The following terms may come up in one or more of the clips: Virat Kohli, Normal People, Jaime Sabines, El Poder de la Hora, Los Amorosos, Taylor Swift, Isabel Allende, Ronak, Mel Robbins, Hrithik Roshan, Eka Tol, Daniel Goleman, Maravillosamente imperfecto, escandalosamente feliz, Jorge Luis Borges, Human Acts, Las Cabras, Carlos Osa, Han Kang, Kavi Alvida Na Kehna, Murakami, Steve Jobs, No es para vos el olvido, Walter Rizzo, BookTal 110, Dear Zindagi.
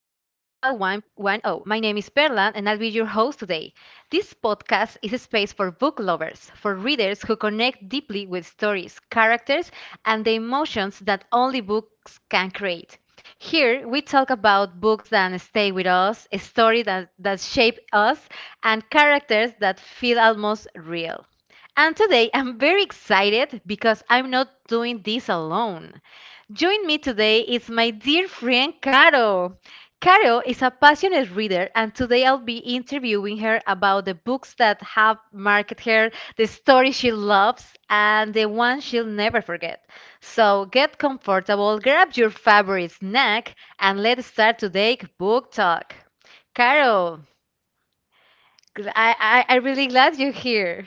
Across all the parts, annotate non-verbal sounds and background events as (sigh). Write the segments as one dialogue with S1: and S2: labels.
S1: 110. My name is Perla, and I'll be your host today. This podcast is a space for book lovers, for readers who connect deeply with stories, characters, and the emotions that only books can create. Here, we talk about books that stay with us, a story that shape us, and characters that feel almost real. And today, I'm very excited because I'm not doing this alone. Join me today is my dear friend Caro. Caro is a passionate reader, and today I'll be interviewing her about the books that have marked her, the stories she loves, and the ones she'll never forget. So get comfortable, grab your favorite snack, and let's start today's book talk. Caro, I'm really glad you're here.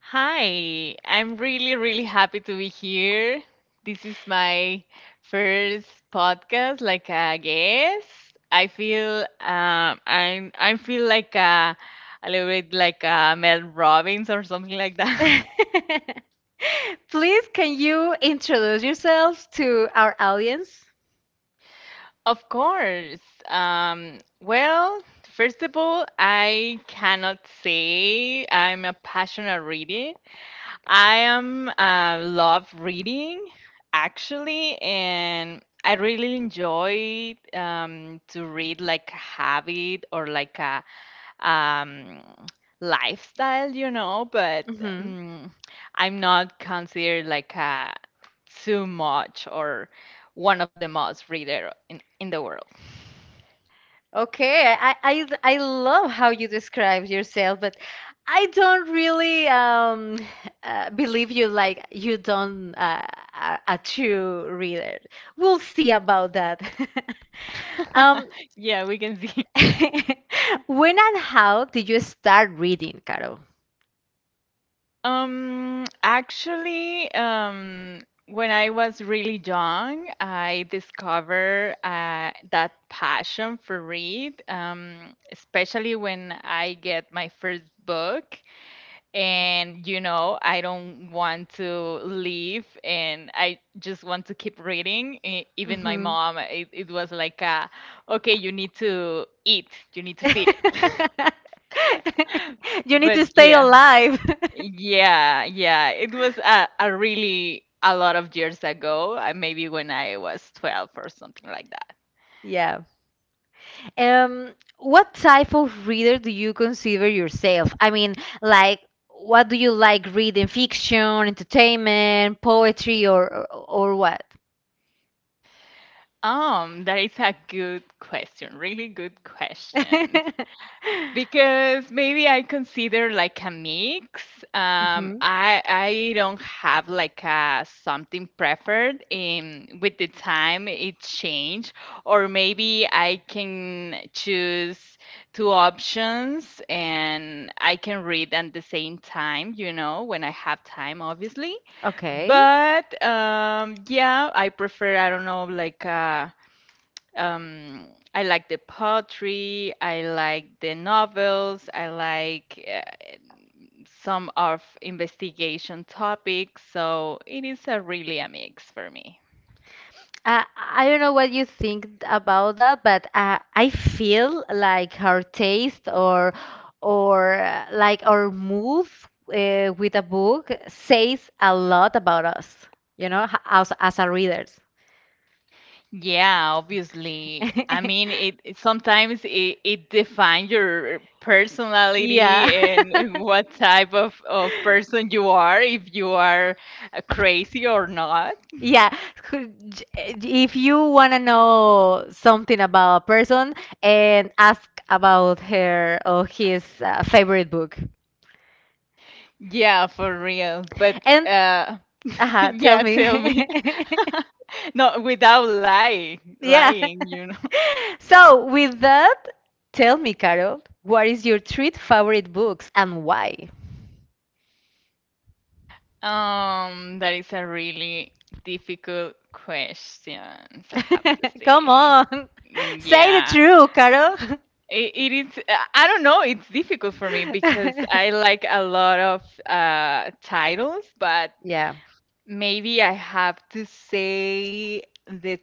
S2: Hi, I'm really, really happy to be here. This is my first podcast, like a guest. I feel I feel like a little bit like Mel Robbins or something like that. (laughs)
S1: (laughs) Please, can you introduce yourself to our audience?
S2: Of course. Um, well, first of all, I cannot say I'm a passionate reader. I am love reading actually, and I really enjoy to read like a habit or like a um, lifestyle, you know. But
S1: Mm-hmm.
S2: um, I'm not considered like a too much or one of the most reader in the world.
S1: Okay, I love how you describe yourself, but I don't really believe you like you don't a true reader. We'll see about that. (laughs) Um,
S2: (laughs) Yeah, we can see.
S1: (laughs) when and how did you start reading, Caro?
S2: Um, actually, um, when I was really young, I discovered that passion for read, especially when I get my first book. And, you know, I don't want to leave and I just want to keep reading. Even my
S1: Mhm.
S2: mom, it was like, okay, you need to eat, you need to feed it. (laughs)
S1: (laughs) You need
S2: But
S1: to stay
S2: yeah.
S1: alive. (laughs)
S2: Yeah, yeah. It was a really a lot of years ago, maybe when I was 12 or something like that.
S1: Yeah. What type of reader do you consider yourself? I mean, like, what do you like reading? Fiction, entertainment, poetry, or what?
S2: That is a good question, really good question,
S1: (laughs)
S2: because maybe I consider like a mix. Um,
S1: Hmm.
S2: I I don't have like a something preferred in with the time it changed, or maybe I can choose two options and I can read at the same time. You know, when I have time, obviously.
S1: Okay.
S2: But yeah, I prefer I don't know like a I like the poetry, I like the novels, I like some of investigation topics, so it is a really a mix for me.
S1: I don't know what you think about that, but I feel like our taste or like our mood with a book says a lot about us, you know, as our readers.
S2: Yeah, obviously. I mean,
S1: (laughs)
S2: it sometimes it defines your personality
S1: Yeah.
S2: and
S1: (laughs)
S2: what type of person you are, if you are crazy or not.
S1: Yeah. Could- j- If you want to know something about a person and ask about her or his favorite book.
S2: Yeah, for real. But
S1: And
S2: (laughs)
S1: tell
S2: yeah,
S1: me.
S2: tell me.
S1: (laughs)
S2: (laughs) No, without
S1: Yeah.
S2: lying, you know. (laughs)
S1: So, with that, tell me, Carol, what is your three favorite books and why?
S2: That is a really difficult question, I have to
S1: (laughs) Come
S2: say.
S1: on. (laughs) Say the
S2: Yeah,
S1: truth, Carol.
S2: it is. I don't know. It's difficult for me because I
S1: (laughs)
S2: like a lot of titles, but
S1: Yeah.
S2: maybe I have to say the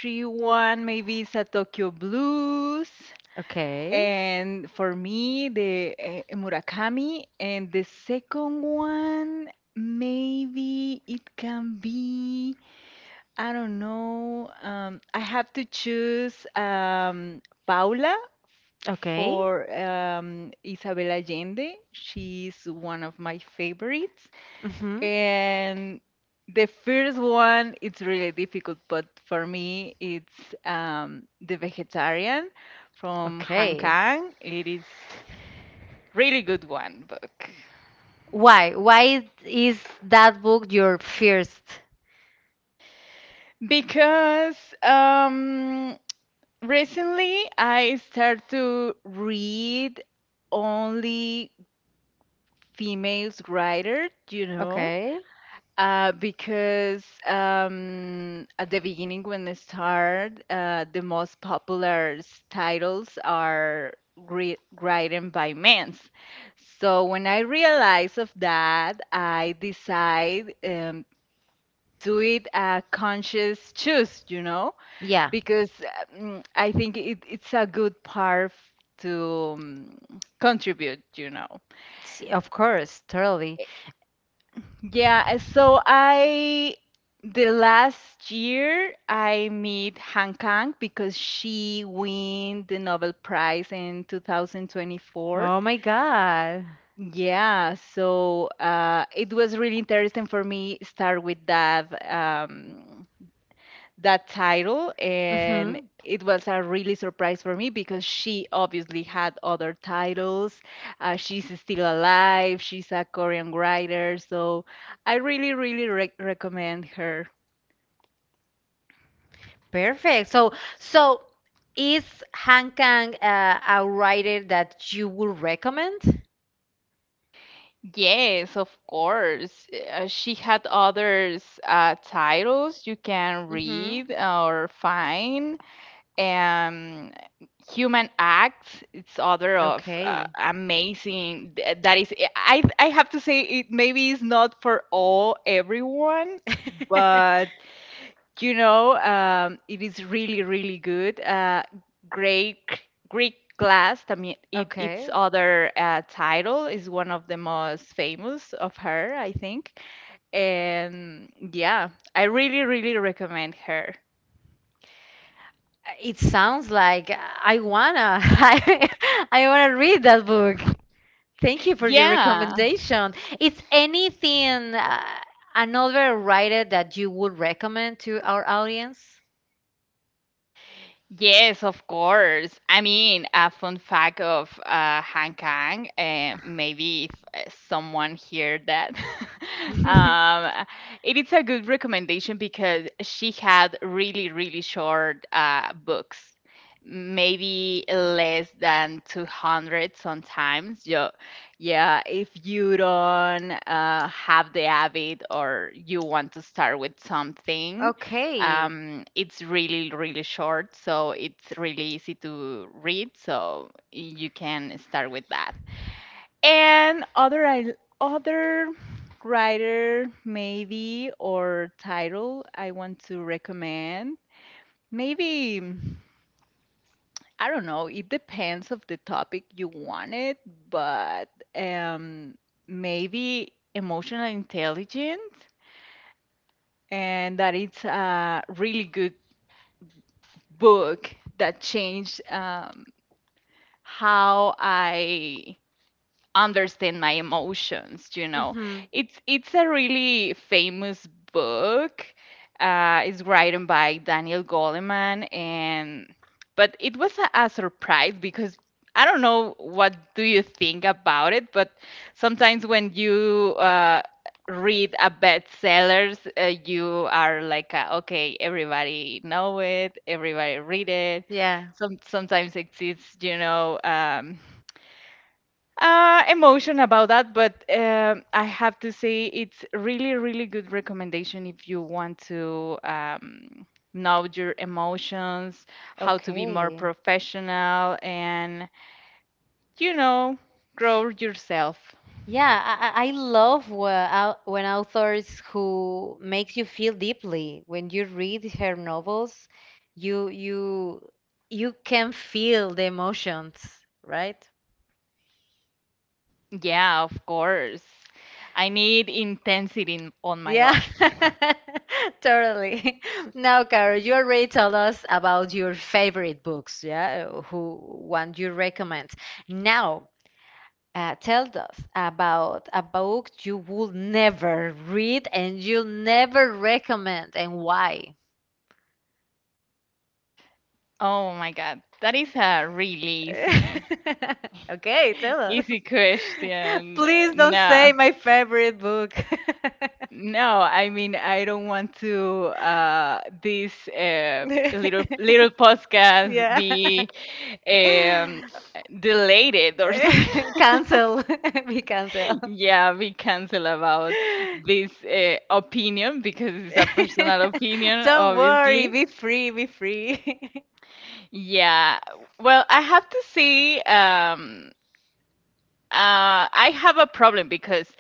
S2: three one. Maybe it's a Tokyo Blues.
S1: Okay.
S2: And for me, the Murakami, and the second one, maybe it can be, I don't know. I have to choose Paula
S1: Okay.
S2: for Isabel Allende. She's one of my favorites.
S1: Mm-hmm.
S2: And the first one, it's really difficult, but for me, it's The Vegetarian from Hang
S1: Okay.
S2: Kang. It is really good one book
S1: Why? Why is that book your first?
S2: because um, recently I start to read only females writers, you know,
S1: Okay.
S2: because at the beginning when I start, the most popular titles are written by men. So when I realized of that, I decide do it a conscious choose, you know,
S1: Yeah,
S2: because I think it's a good part to contribute, you know.
S1: of course, totally.
S2: Yeah, so I the last year I meet Han Kang because she win the Nobel Prize in 2024.
S1: Oh my God.
S2: Yeah, so it was really interesting for me start with that. That title and
S1: Hmm.
S2: it was a really surprise for me because she obviously had other titles, she's still alive, she's a Korean writer, so I really, really recommend her.
S1: Perfect. So, so is Han Kang a writer that you would recommend?
S2: Yes, of course. She had others titles you can
S1: Mm-hmm.
S2: read or find. Um, Human Acts, it's other of
S1: Okay.
S2: amazing that is I have to say it maybe is not for all everyone,
S1: (laughs)
S2: but you know, um, it is really, really good, uh, great Greek Glass, I mean, it
S1: Okay.
S2: its other title is one of the most famous of her, I think. And yeah, I really, really recommend her.
S1: It sounds like I wanna (laughs) I wanna read that book. Thank you for your
S2: Yeah.
S1: recommendation. Is anything another writer that you would recommend to our audience? (laughs)
S2: Yes, of course. I mean, a fun fact of Hang Kang, maybe if someone heard that, (laughs) um, it is a good recommendation because she had really, really short books, maybe less than 200 sometimes. Yeah, yeah, if you don't have the habit or you want to start with something
S1: Okay.
S2: it's really, really short, so it's really easy to read. So you can start with that. And other I other writer maybe or title I want to recommend. Maybe I don't know. It depends of the topic you want it, but um, maybe emotional intelligence, and that it's a really good book that changed um, how I understand my emotions, you know,
S1: Hmm.
S2: it's a really famous book, it's written by Daniel Goleman. And but it was a surprise because I don't know what do you think about it, but sometimes when you read a bestsellers, you are like, uh, okay, everybody know it, everybody read it.
S1: Yeah.
S2: Sometimes it's you know emotion about that, but I have to say it's really, really good recommendation if you want to know your emotions, how to be more
S1: Okay.
S2: professional, and you know, grow yourself.
S1: Yeah, I love when authors who makes you feel deeply. When you read her novels, you you you can feel the emotions, right?
S2: Yeah, of course. I need intensity in, on my
S1: Yeah,
S2: life. (laughs)
S1: (laughs) totally. (laughs) Now, Caro, you already told us about your favorite books, yeah, who one you recommend. Now, tell us about a book you will never read and you'll never recommend and why.
S2: Oh my God, that is a really easy,
S1: (laughs) Okay, tell us.
S2: easy
S1: (laughs)
S2: question.
S1: Please don't
S2: No.
S1: say my favorite book. (laughs)
S2: No, I mean I don't want to this
S1: (laughs)
S2: little podcast
S1: Yeah.
S2: be um,
S1: (laughs)
S2: deleted or something.
S1: (laughs) Cancel. (laughs) Be cancel.
S2: (laughs) Yeah, be cancel about
S1: (laughs)
S2: this opinion because it's a personal opinion,
S1: Don't worry.
S2: obviously.
S1: Be free. Be free. (laughs)
S2: Yeah. Well, I have to say, I have a problem because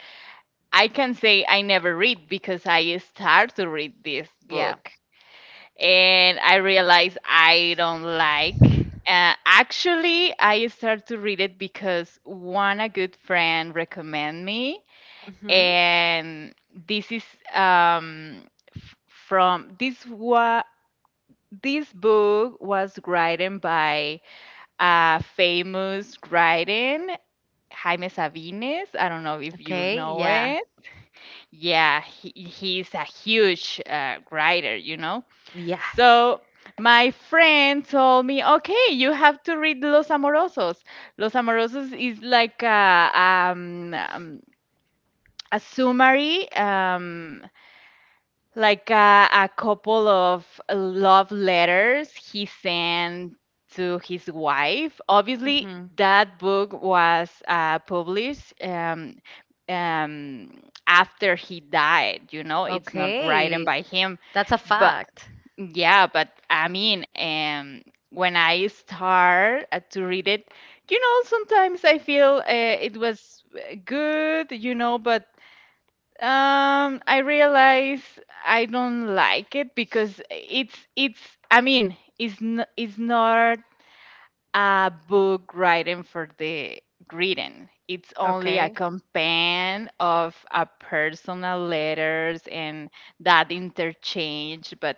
S2: I can say I never read because I start to read this
S1: Yeah.
S2: book, and I realized I don't like. Actually, I started to read it because one, a good friend recommend me,
S1: Hmm.
S2: and this is um, f- from this wa- this book was written by a famous writing Jaime Sabines. I don't know if you
S1: Okay.
S2: know
S1: Yeah.
S2: it. Yeah, he's a huge writer, you know,
S1: Yeah.
S2: so my friend told me, okay, you have to read Los Amorosos. Los Amorosos is like a summary, like a couple of love letters he sent to his wife. Obviously,
S1: Hmm.
S2: that book was published um, after he died, you know, it's not written
S1: Okay.
S2: by him
S1: That's a
S2: but.
S1: fact.
S2: Yeah, but I mean, when I start to read it, you know, sometimes I feel it was good, you know, but I realize I don't like it because it's it's. I mean, it's n it's not a book writing for the reading. It's only a
S1: Okay.
S2: companion of a personal letters and that interchange, but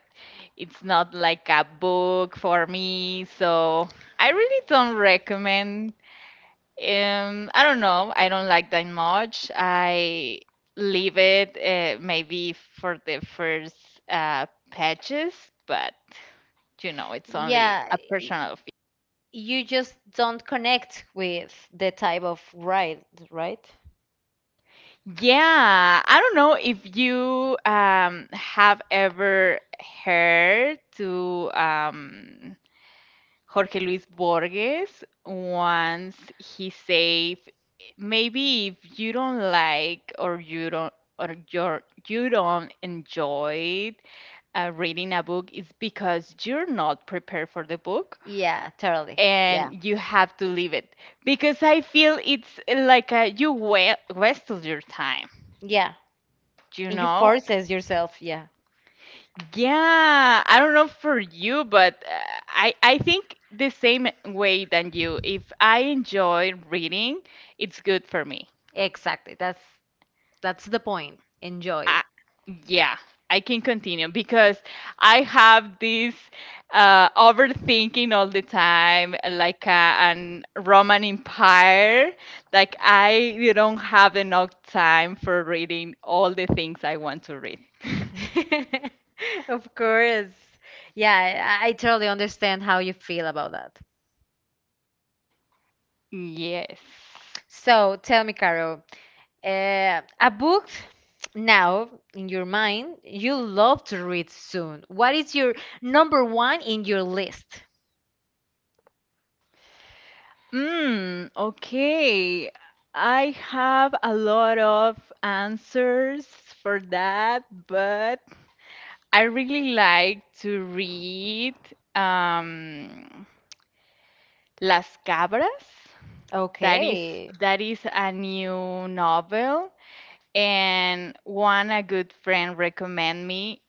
S2: it's not like a book for me. So I really don't recommend. I don't know. I don't like that much. I leave it maybe for the first uh, pages, but you know, it's only
S1: Yeah,
S2: a
S1: y-
S2: personal.
S1: you just don't connect with the type of ride, right?
S2: Yeah, I don't know if you have ever heard to Jorge Luis Borges once he said, maybe if you don't like or you don't enjoy reading a book, it's because you're not prepared for the book,
S1: Yeah. Totally. Yeah.
S2: and you have to leave it because I feel it's like uh, you wasted your time.
S1: Yeah,
S2: You
S1: and you
S2: know.
S1: forces yourself, yeah.
S2: Yeah, I don't know for you, but I think the same way than you. If I enjoy reading, it's good for me.
S1: Exactly. That's the point. Enjoy.
S2: I, yeah, I can continue because I have this overthinking all the time, like an Roman Empire. Like I don't have enough time for reading all the things I want to read.
S1: (laughs) Of course. Yeah, I totally understand how you feel about that.
S2: Yes.
S1: So tell me, Carol, a book now in your mind you love to read soon. What is your number one in your list?
S2: Mm, okay. I have a lot of answers for that, but I really like to read um, Las Cabras. That is
S1: Okay.
S2: that is a new novel, and one a good friend recommend me.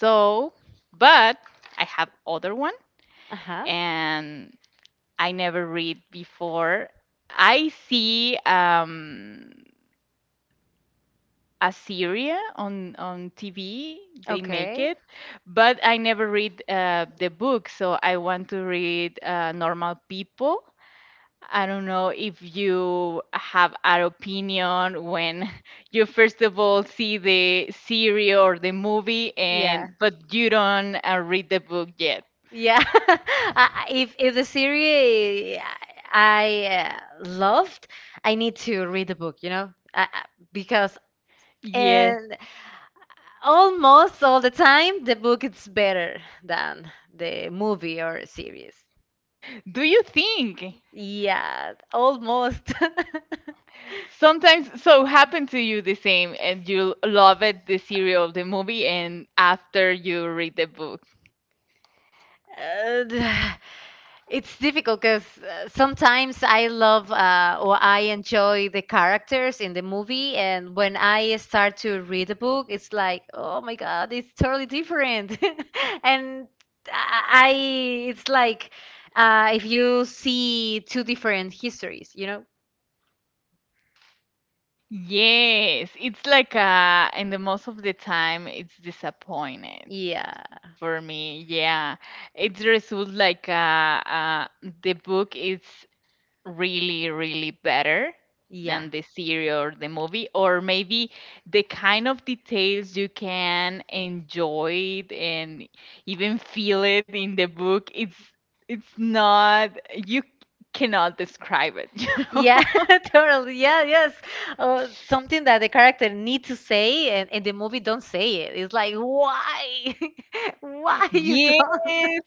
S2: So, but I have other one,
S1: Uh-huh.
S2: and I never read before. I see Assyria on TV. They make
S1: Okay.
S2: it, but I never read the book. So I want to read Normal People. I don't know if you have an opinion when (laughs) you first of all see the series or the movie,
S1: Yeah.
S2: and but you don't read the book yet.
S1: Yeah. (laughs) If the series I loved, I need to read the book, you know, because
S2: Yes.
S1: and almost all the time, the book is better than the movie or series.
S2: Do you think?
S1: Yeah, almost. (laughs)
S2: Sometimes so happen to you the same and you love it the serial the movie and after you read the book,
S1: Uh, it's difficult because sometimes I love or I enjoy the characters in the movie, and when I start to read the book, it's like, oh my God, it's totally different. (laughs) And it's like if you see two different histories, you know?
S2: yes, it's like uh, and the most of the time it's disappointed
S1: Yeah,
S2: for me, yeah, it results like the book is really, really better
S1: yeah,
S2: than the series or the movie, or maybe the kind of details you can enjoy it and even feel it in the book. It's not you cannot describe it, (laughs) you know?
S1: yeah, (laughs) totally. Yeah, yes. Something that the character need to say and the movie don't say it. It's like, why? (laughs) Why you don't?
S2: Yes.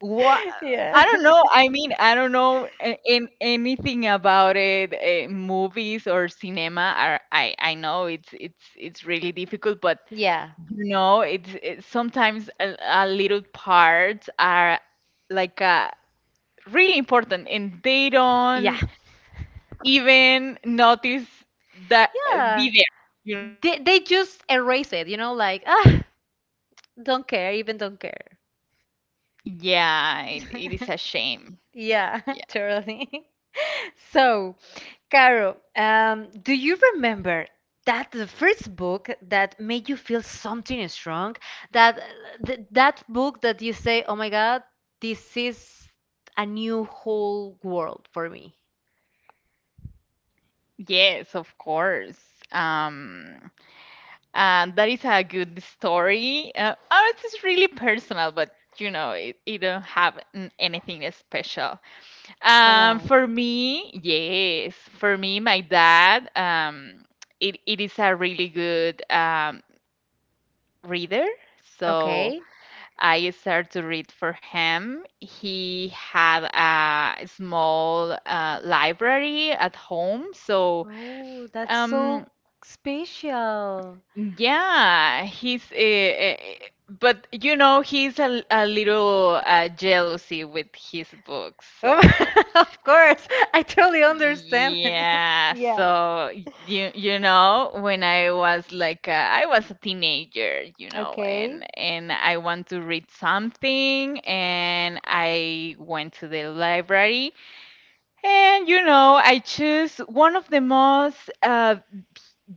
S2: What
S1: (laughs) Yeah.
S2: I don't know. I mean, I don't know a- an anything about it. Movies or cinema are I know it's really difficult, but
S1: Yeah.
S2: you know, it's it, sometimes a little parts are like really important, and they
S1: Yeah.
S2: don't even notice that
S1: Yeah.
S2: be there. You know?
S1: They just erase it, you know, like, ah, don't care, even don't care.
S2: Yeah, it is a
S1: (laughs)
S2: shame.
S1: Yeah, (laughs)
S2: Yeah.
S1: totally. (laughs) So, Caro, do you remember that the first book that made you feel something strong? That th that book that you say, "Oh my God, this is a new whole world for me."
S2: Yes, of course. Um, and that is a good story. Oh, it's really personal, but you know, it don't have anything special.
S1: Come on.
S2: For me, yes, for me, my dad, it is a really good reader. So
S1: Okay.
S2: I started to read for him. He had a small library at home, so
S1: Oh, that's so
S2: um,
S1: special.
S2: yeah, he's but you know he's a little jealousy with his books.
S1: Oh,
S2: So
S1: (laughs) of course, I totally understand.
S2: yeah,
S1: (laughs) Yeah.
S2: so you know when I was like I was a teenager, you know,
S1: Okay.
S2: and I want to read something, and I went to the library, and you know I choose one of the most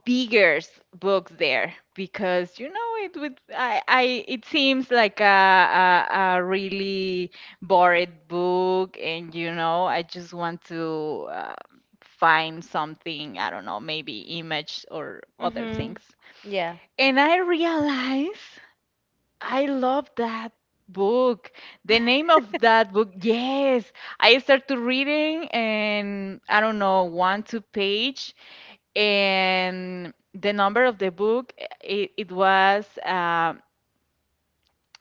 S2: bigger books there because you know it would I it seems like a really boring book and you know I just want to find something I don't know maybe image or other
S1: Mm-hmm.
S2: things
S1: Yeah.
S2: and I realize I love that book, the name of that book, yes. I start to reading and I don't know one two page and the number of the book, it was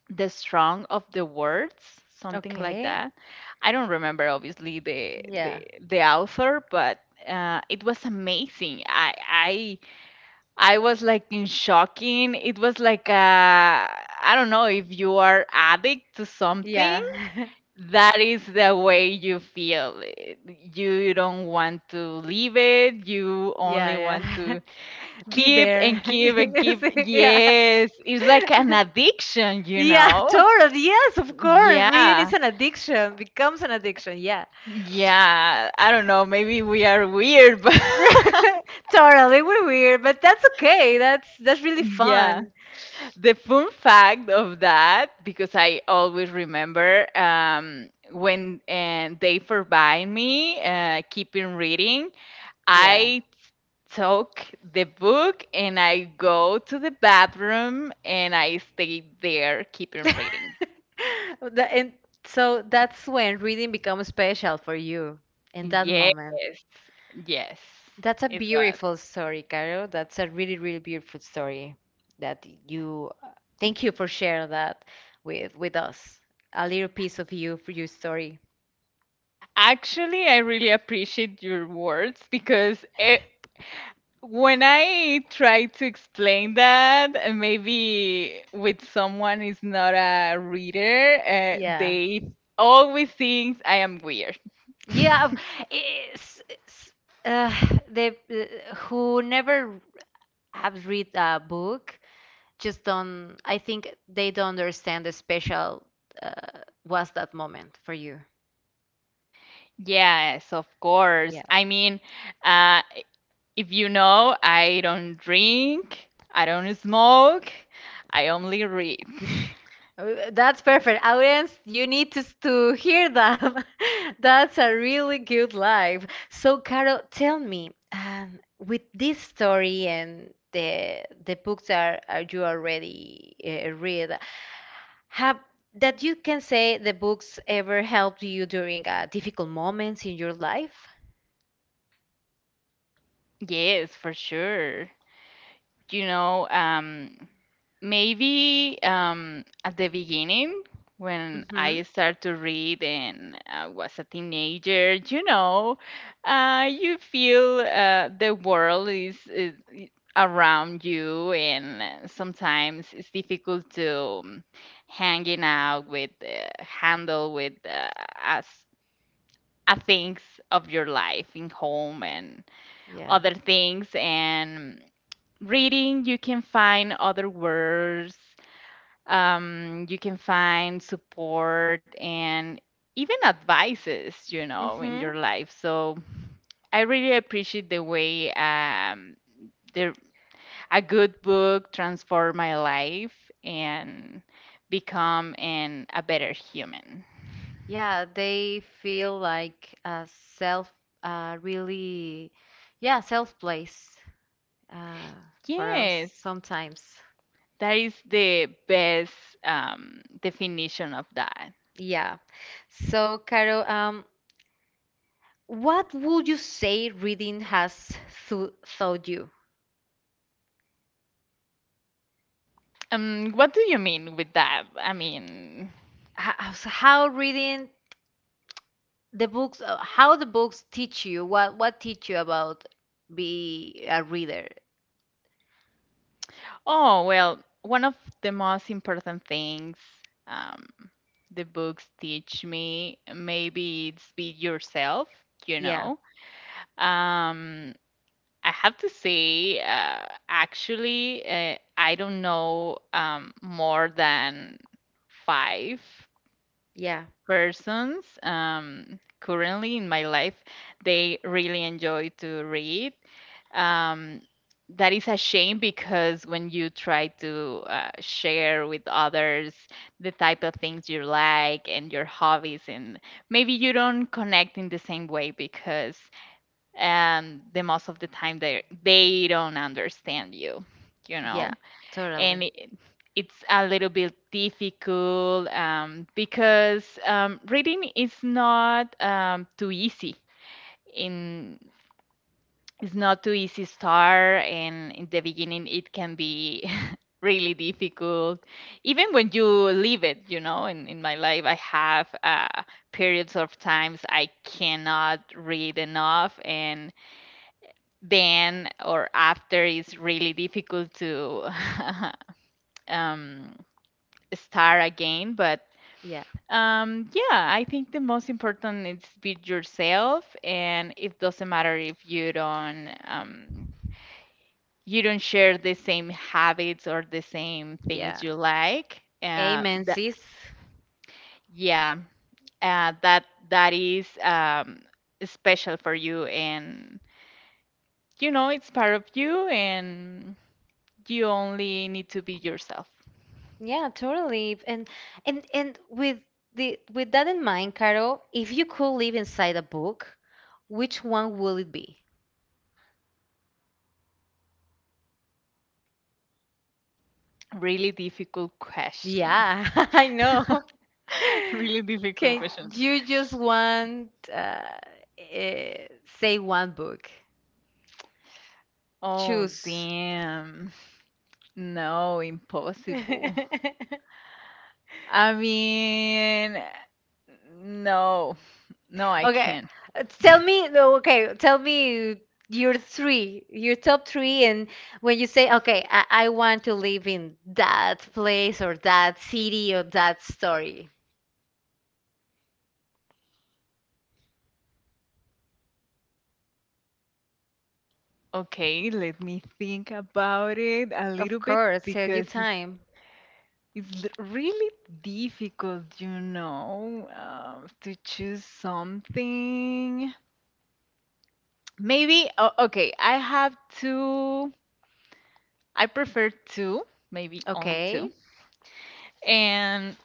S2: the strong of the words, something like
S1: Okay.
S2: that. I don't remember obviously
S1: Yeah.
S2: the author, but it was amazing. I was like in shocking. It was like I don't know if you are addict to something,
S1: Yeah. (laughs)
S2: that is the way you feel. You don't want to leave it, you
S1: Yeah,
S2: only want
S1: yeah.
S2: to
S1: (laughs) Be
S2: keep
S1: there.
S2: and
S1: (laughs)
S2: keep and keep.
S1: Yeah.
S2: Yes, it's like an addiction, you
S1: Yeah,
S2: know?
S1: totally. Yes, of course. Reading
S2: Yeah,
S1: is an addiction, becomes an addiction. Yeah.
S2: yeah. I don't know, maybe we are weird, but
S1: (laughs) Totally. We're weird, but that's okay. That's
S2: (laughs)
S1: really
S2: yeah.
S1: fun.
S2: The fun fact of that, because I always remember when they forbade me keeping reading,
S1: Yeah.
S2: I took the book and I go to the bathroom and I stay there
S1: (laughs)
S2: keeping reading.
S1: And so that's when reading becomes special for you in that
S2: Yes,
S1: moment.
S2: yes,
S1: That's a
S2: it was.
S1: beautiful story, Caro. That's a really, really beautiful story that you thank you for sharing that with us. A little piece of you for your story.
S2: Actually, I really appreciate your words because when I try to explain that, maybe with someone is not a reader,
S1: Yeah.
S2: they always think I am weird. (laughs)
S1: Yeah, it's, it's, uh, the who never have read a book just don't I think they don't understand the special uh, was that moment for you.
S2: Yes, of course.
S1: Yeah.
S2: I mean, uh, if you know, I don't drink, I don't smoke, I only read. (laughs)
S1: That's perfect. Audience, you need to hear that. (laughs) That's a really good life. So, Carol, tell me, with this story and the books are you already read, have that you can say the books ever helped you during difficult moments in your life?
S2: Yes, for sure. You know, maybe at the beginning when
S1: Mm-hmm.
S2: I started to read and I was a teenager, you know, you feel the world is around you, and sometimes it's difficult to hanging out with, handle with as things of your life in home and
S1: Yeah.
S2: other things, and reading you can find other words, you can find support and even advices, you know, in
S1: Mm-hmm.
S2: your life. So I really appreciate the way the, a good book transformed my life and become a better human.
S1: Yeah, they feel like a self, really, yeah, self place. Uh, for us,
S2: Yes,
S1: sometimes.
S2: that is the best definition of that.
S1: Yeah. So, Caro, what would you say reading has th taught you?
S2: What do you mean with that? I mean,
S1: How reading the books, how the books teach you? What teach you about be a reader?
S2: oh, well, one of the most important things um, the books teach me, maybe it's be yourself, you
S1: Yeah,
S2: know. Um, I have to say, actually, I don't know more than five
S1: yeah,
S2: persons currently in my life they really enjoy to read. um, that is a shame because when you try to share with others the type of things you like and your hobbies, and maybe you don't connect in the same way because the most of the time they don't understand you, you
S1: yeah,
S2: know. And
S1: totally.
S2: it's a little bit difficult because reading is not too easy. In it's not too easy start, and in the beginning it can be (laughs) really difficult. Even when you leave it, you know, in my life I have periods of times I cannot read enough, and then or after it's really difficult to (laughs) um, start again, but
S1: Yeah,
S2: yeah, I think the most important is be yourself, and it doesn't matter if you don't you don't share the same habits or the same things
S1: yeah.
S2: you like, uh,
S1: Amen,
S2: that
S1: sis.
S2: yeah, uh, that is special for you, and you know it's part of you, and you only need to be yourself.
S1: Yeah, totally. And with that in mind, Caro, if you could live inside a book, which one will it be?
S2: Really difficult question.
S1: Yeah, (laughs) I
S2: (laughs)
S1: know.
S2: Really
S1: (laughs)
S2: difficult
S1: Can
S2: question.
S1: you just want eh, say one book?
S2: Oh,
S1: Choose. (laughs)
S2: damn. No, impossible. I mean, no, no, I
S1: Okay,
S2: can't.
S1: tell me. No, okay, tell me your three, your top three, and when you say, okay, I want to live in that place or that city or that story.
S2: Okay, let me think about it a
S1: Of
S2: little bit
S1: course, tell your
S2: because it's
S1: time.
S2: really difficult, you know, to choose something. Maybe, oh, okay, I have two. I prefer two, maybe only two.
S1: Okay,
S2: And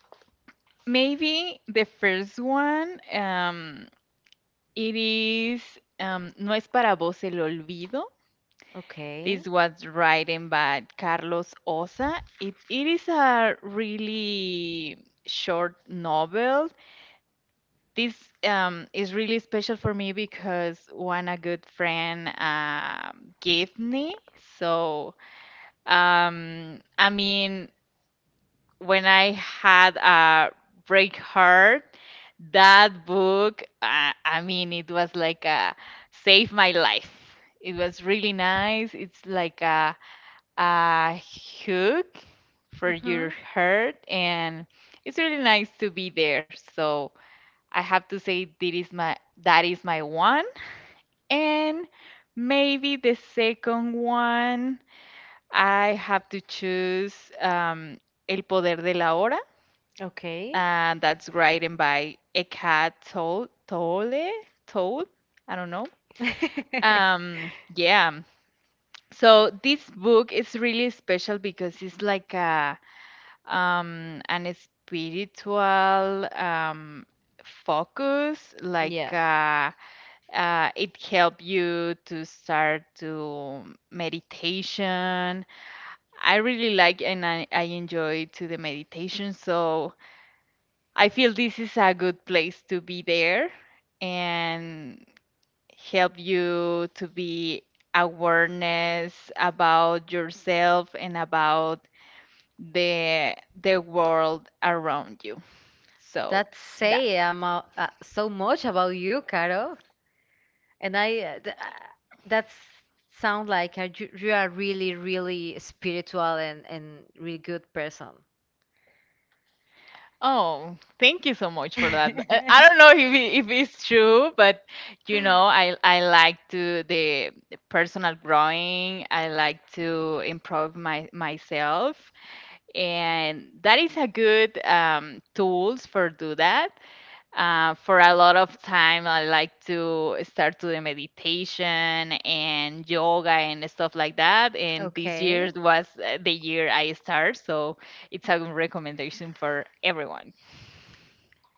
S2: maybe the first one, it is, No es para vos el olvido.
S1: okay,
S2: This was written by Carlos Osa. It is a really short novel. This is really special for me because one, a good friend gave me. So, I mean, when I had a break heart, that book, I mean, it was like a save my life. It was really nice. It's like a hook for your
S1: mm-hmm,
S2: heart, and it's really nice to be there. So I have to say, that is my one, and maybe the second one I have to choose El Poder de la Hora,
S1: okay.
S2: and that's written by Eka Tol Tole Tol. I don't know.
S1: (laughs)
S2: Yeah. So this book is really special because it's like a an spiritual um focus like
S1: Yeah,
S2: it help you to start to meditation. I really like and I enjoy to the meditation, so I feel this is a good place to be there, and help you to be awareness about yourself and about the the world around you. So
S1: that
S2: that.
S1: say so much about you, Caro. And that sound like a, you are really, really spiritual and really good person. (laughs)
S2: Oh, thank you so much for that. I don't know if if it's true, but you know, I like to the personal growing. I like to improve my myself, and that is a good tools for do that, for a lot of time I like to start doing meditation and yoga and stuff like that, and this year
S1: Okay,
S2: was the year I start. So it's a good recommendation for everyone.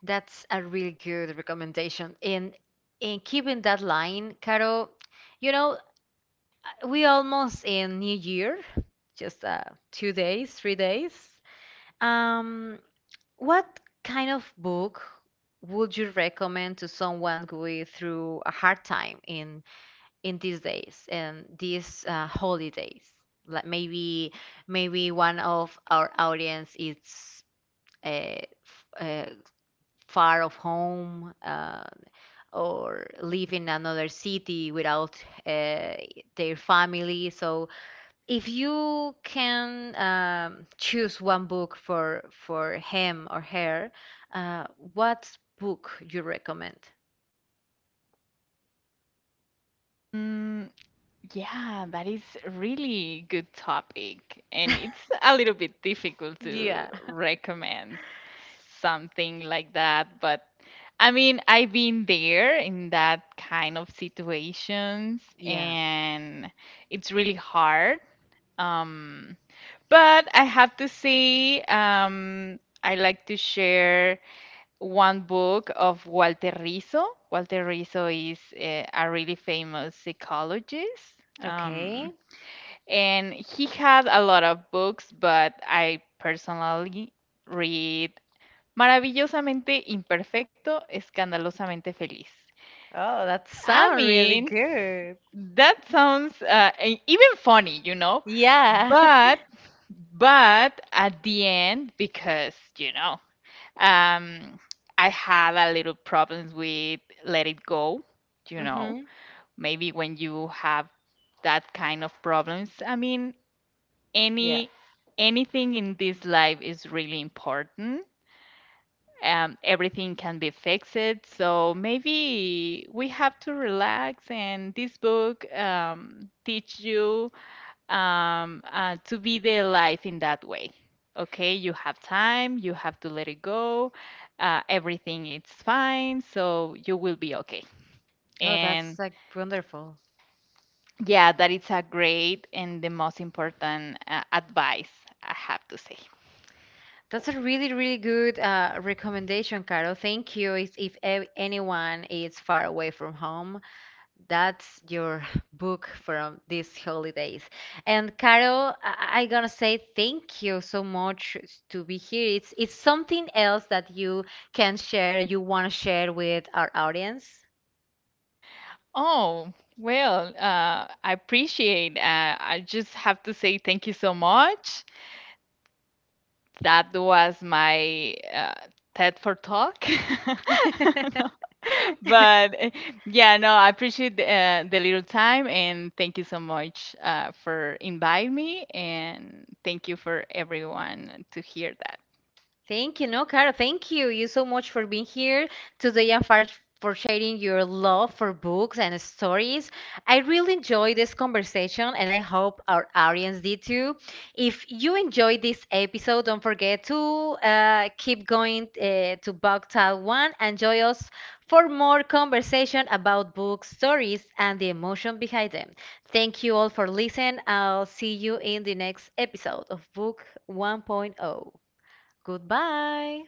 S1: that's a really good recommendation. And in keeping that line, Caro, you know, we almost in New Year, just 2 days, 3 days. Um, What kind of book would you recommend to someone going through a hard time in these days and these holidays? Like maybe one of our audience is uh, f- uh, far of home or live in another city without their family. So if you can choose one book for him or her, uh, what book you recommend?
S2: Mm, yeah, that is really good topic, and it's
S1: (laughs)
S2: a little bit difficult to
S1: Yeah.
S2: recommend something like that, but I mean, I've been there in that kind of situations,
S1: Yeah.
S2: and it's really hard. Um, but I have to say, I like to share one book of Walter Rizzo. Walter Rizzo is a really famous psychologist.
S1: Okay.
S2: And he had a lot of books, but I personally read Maravillosamente imperfecto, escandalosamente feliz.
S1: Oh, that
S2: I
S1: sounds really
S2: mean,
S1: good.
S2: that sounds even funny, you know,
S1: Yeah. (laughs)
S2: but but at the end, because you know, um, I had a little problems with let it go, you know.
S1: Mm-hmm.
S2: Maybe when you have that kind of problems, I mean,
S1: Yeah.
S2: any anything in this life is really important, everything can be fixed. So maybe we have to relax, and this book teach you to be the life in that way. Okay, you have time, you have to let it go. Everything is fine, so you will be okay.
S1: Oh, that's
S2: And
S1: like wonderful.
S2: yeah, that is a great and the most important advice I have to say.
S1: That's a really, really good recommendation, Caro. Thank you. If, anyone is far away from home that's your (laughs) book from these holidays. And Carol, I'm gonna say thank you so much to be here. It's something else that you can share, you want to share with our audience.
S2: Oh, well, I appreciate. I just have to say thank you so much. That was my TED for talk. (laughs) No,
S1: (laughs)
S2: but eh, yeah, no, I appreciate the little time, and thank you so much for inviting me, and thank you for everyone to hear that.
S1: Thank you. No, Cara, thank you. You so much for being here today and for sharing your love for books and stories. I really enjoyed this conversation and I hope our audience did too. If you enjoyed this episode, don't forget to keep going to Bogtal 1 and join us for more conversation about book stories and the emotion behind them. Thank you all for listening. I'll see you in the next episode of Book 1.0. Point oh. Goodbye.